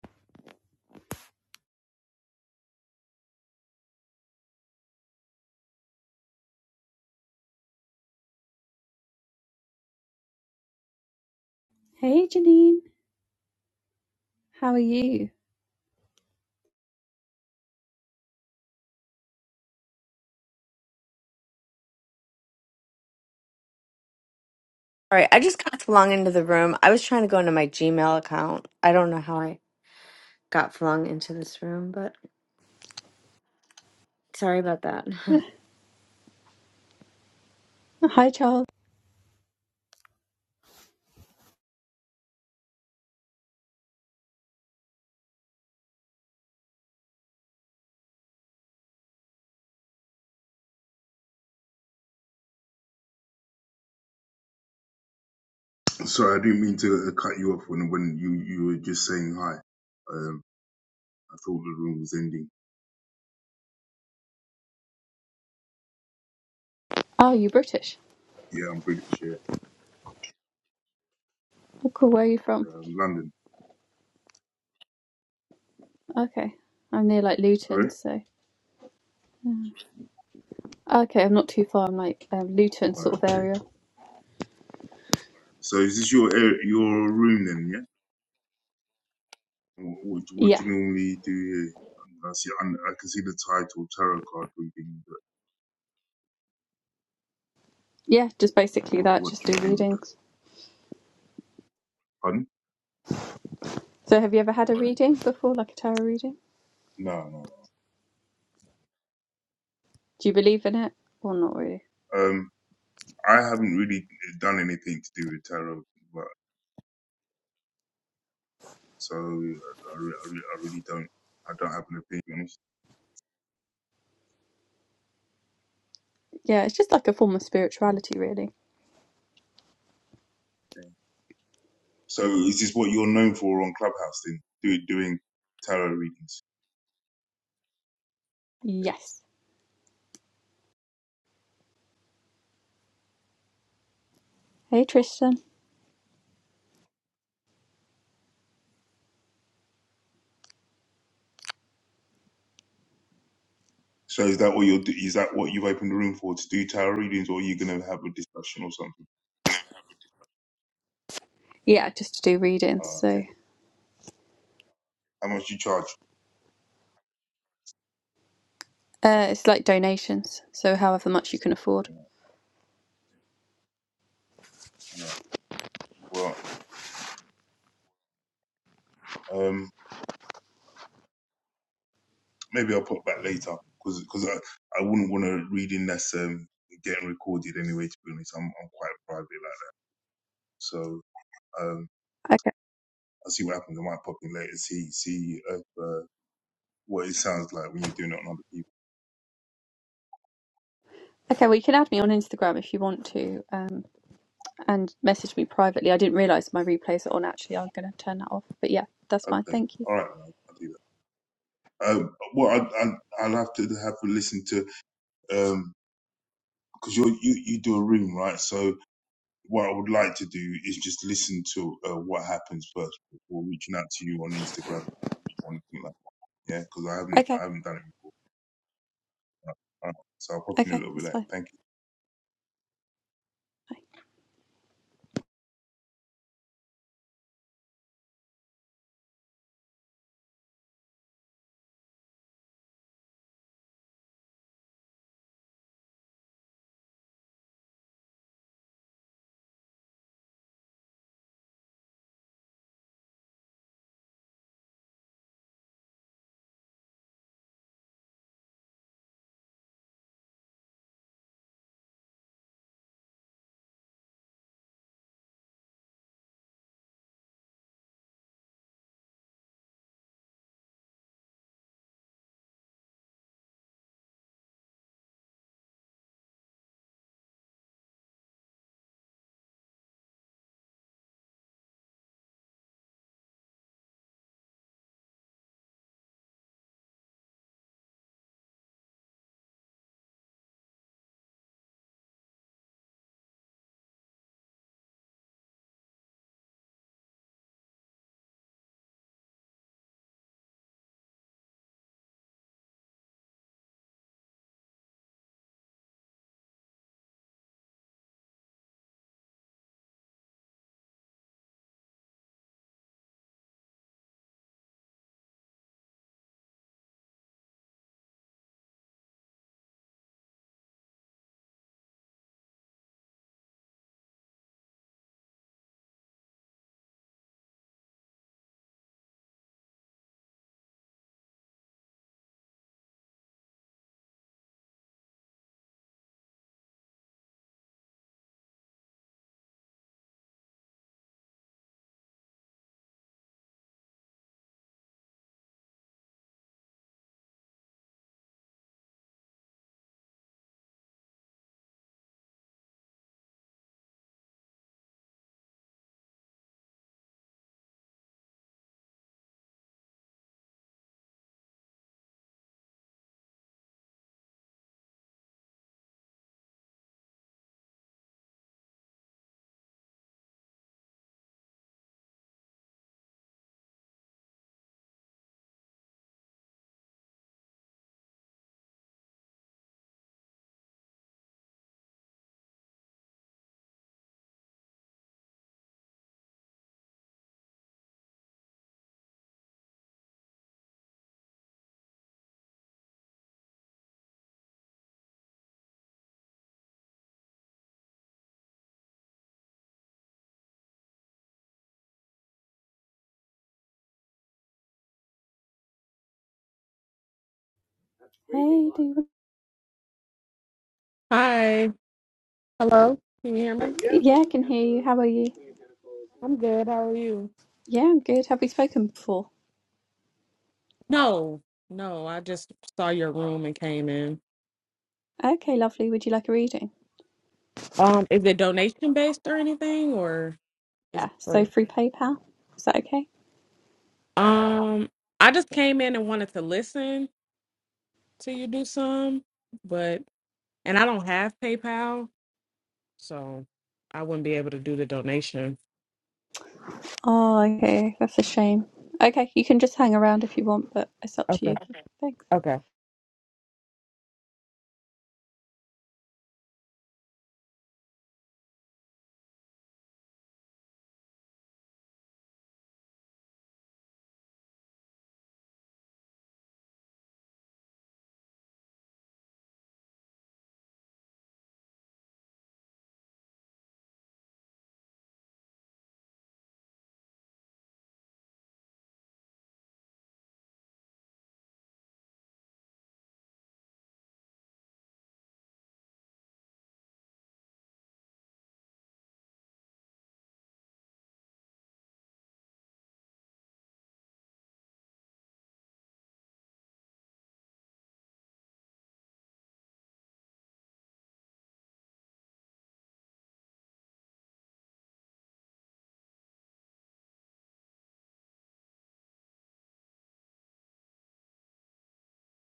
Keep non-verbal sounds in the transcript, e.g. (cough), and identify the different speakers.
Speaker 1: Hey Janine, how are you?
Speaker 2: All right, I just got flung into the room. I was trying to go into my Gmail account. I don't know how I got flung into this room, but sorry about that. (laughs)
Speaker 1: Oh, hi Charles.
Speaker 3: Sorry, I didn't mean to uh, cut you off when when you you were just saying hi. Um, I thought the room was ending.
Speaker 1: Oh, you're British.
Speaker 3: Yeah, I'm pretty sure.
Speaker 1: Oh, cool. Where are you from?
Speaker 3: Um, London.
Speaker 1: Okay, I'm near like Luton,
Speaker 3: Sorry.
Speaker 1: so yeah. okay, I'm not too far. I'm like um, Luton
Speaker 3: Right,
Speaker 1: sort of
Speaker 3: okay.
Speaker 1: area.
Speaker 3: So is this your area- your room then? Yeah. Wh- What do- what
Speaker 1: Yeah,
Speaker 3: do you normally do here? I see. I'm- I can see the title tarot card reading. But
Speaker 1: yeah, just basically
Speaker 3: what
Speaker 1: that.
Speaker 3: what
Speaker 1: Just
Speaker 3: do you
Speaker 1: do
Speaker 3: do with that?
Speaker 1: readings.
Speaker 3: Pardon?
Speaker 1: So, have you ever had a reading before, like a tarot reading?
Speaker 3: No, no, no.
Speaker 1: Do you believe in it or not really?
Speaker 3: Um, I haven't really done anything to do with tarot, but so I, re- I, re- I really don't. I don't have an opinion.
Speaker 1: Yeah, it's just like a form of spirituality, really.
Speaker 3: So is this what you're known for on Clubhouse then? Do, doing tarot readings. Okay.
Speaker 1: Yes. Hey Tristan.
Speaker 3: So is that what you're, do- is that what you've opened the room for to do tarot readings or are you going to have a discussion or something?
Speaker 1: Yeah, just to do readings.
Speaker 3: Oh,
Speaker 1: So,
Speaker 3: okay. How much do you charge?
Speaker 1: uh, it's like donations. So, however much you can afford.
Speaker 3: Yeah, all right. Well, um, maybe I'll pop back later because, because I, I wouldn't want to read in that's, um, getting recorded anyway, to be honest. I'm, I'm quite private like that. So, um, I'll see what happens. I might pop in later, see, see, if, uh, what it sounds like when you're doing it on other people.
Speaker 1: Okay, well, you can add me on Instagram if you want to, um, and message me privately. I didn't realise my replays are on. Actually, I'm going to turn that off. But yeah, that's fine.
Speaker 3: Okay.
Speaker 1: Thank you.
Speaker 3: All right. I'll do that. Um, well, I,
Speaker 1: Bye.
Speaker 3: I, I'll have to have a listen to um because you you you do a room right. So what I would like to do is just listen to uh, what happens first before reaching out to you on Instagram or anything like that. Yeah, because I haven't
Speaker 1: Okay,
Speaker 3: I haven't done it before. All right, so I'll pop in a
Speaker 1: okay,
Speaker 3: little bit
Speaker 1: that's
Speaker 3: later.
Speaker 1: fine.
Speaker 3: Thank you.
Speaker 1: Bye. Hey, do you
Speaker 4: Hi. Hello. Can you hear me?
Speaker 1: want... yeah, I can hear you. How are you?
Speaker 4: I'm good. How are you?
Speaker 1: Yeah, I'm good. Have we spoken before?
Speaker 4: No, no. I just saw your room and came in.
Speaker 1: Okay, lovely. Would you like a reading?
Speaker 4: Um, is it donation based or anything, or is
Speaker 1: Yeah.
Speaker 4: it
Speaker 1: So
Speaker 4: free?
Speaker 1: through PayPal, is that okay?
Speaker 4: Um, I just came in and wanted to listen to you do some, but and I don't have PayPal, so I wouldn't be able to do the donation.
Speaker 1: Oh, okay. That's a shame. Okay, you can just hang around if you want, but it's up to you.
Speaker 4: Okay.
Speaker 1: Thanks.
Speaker 4: Okay.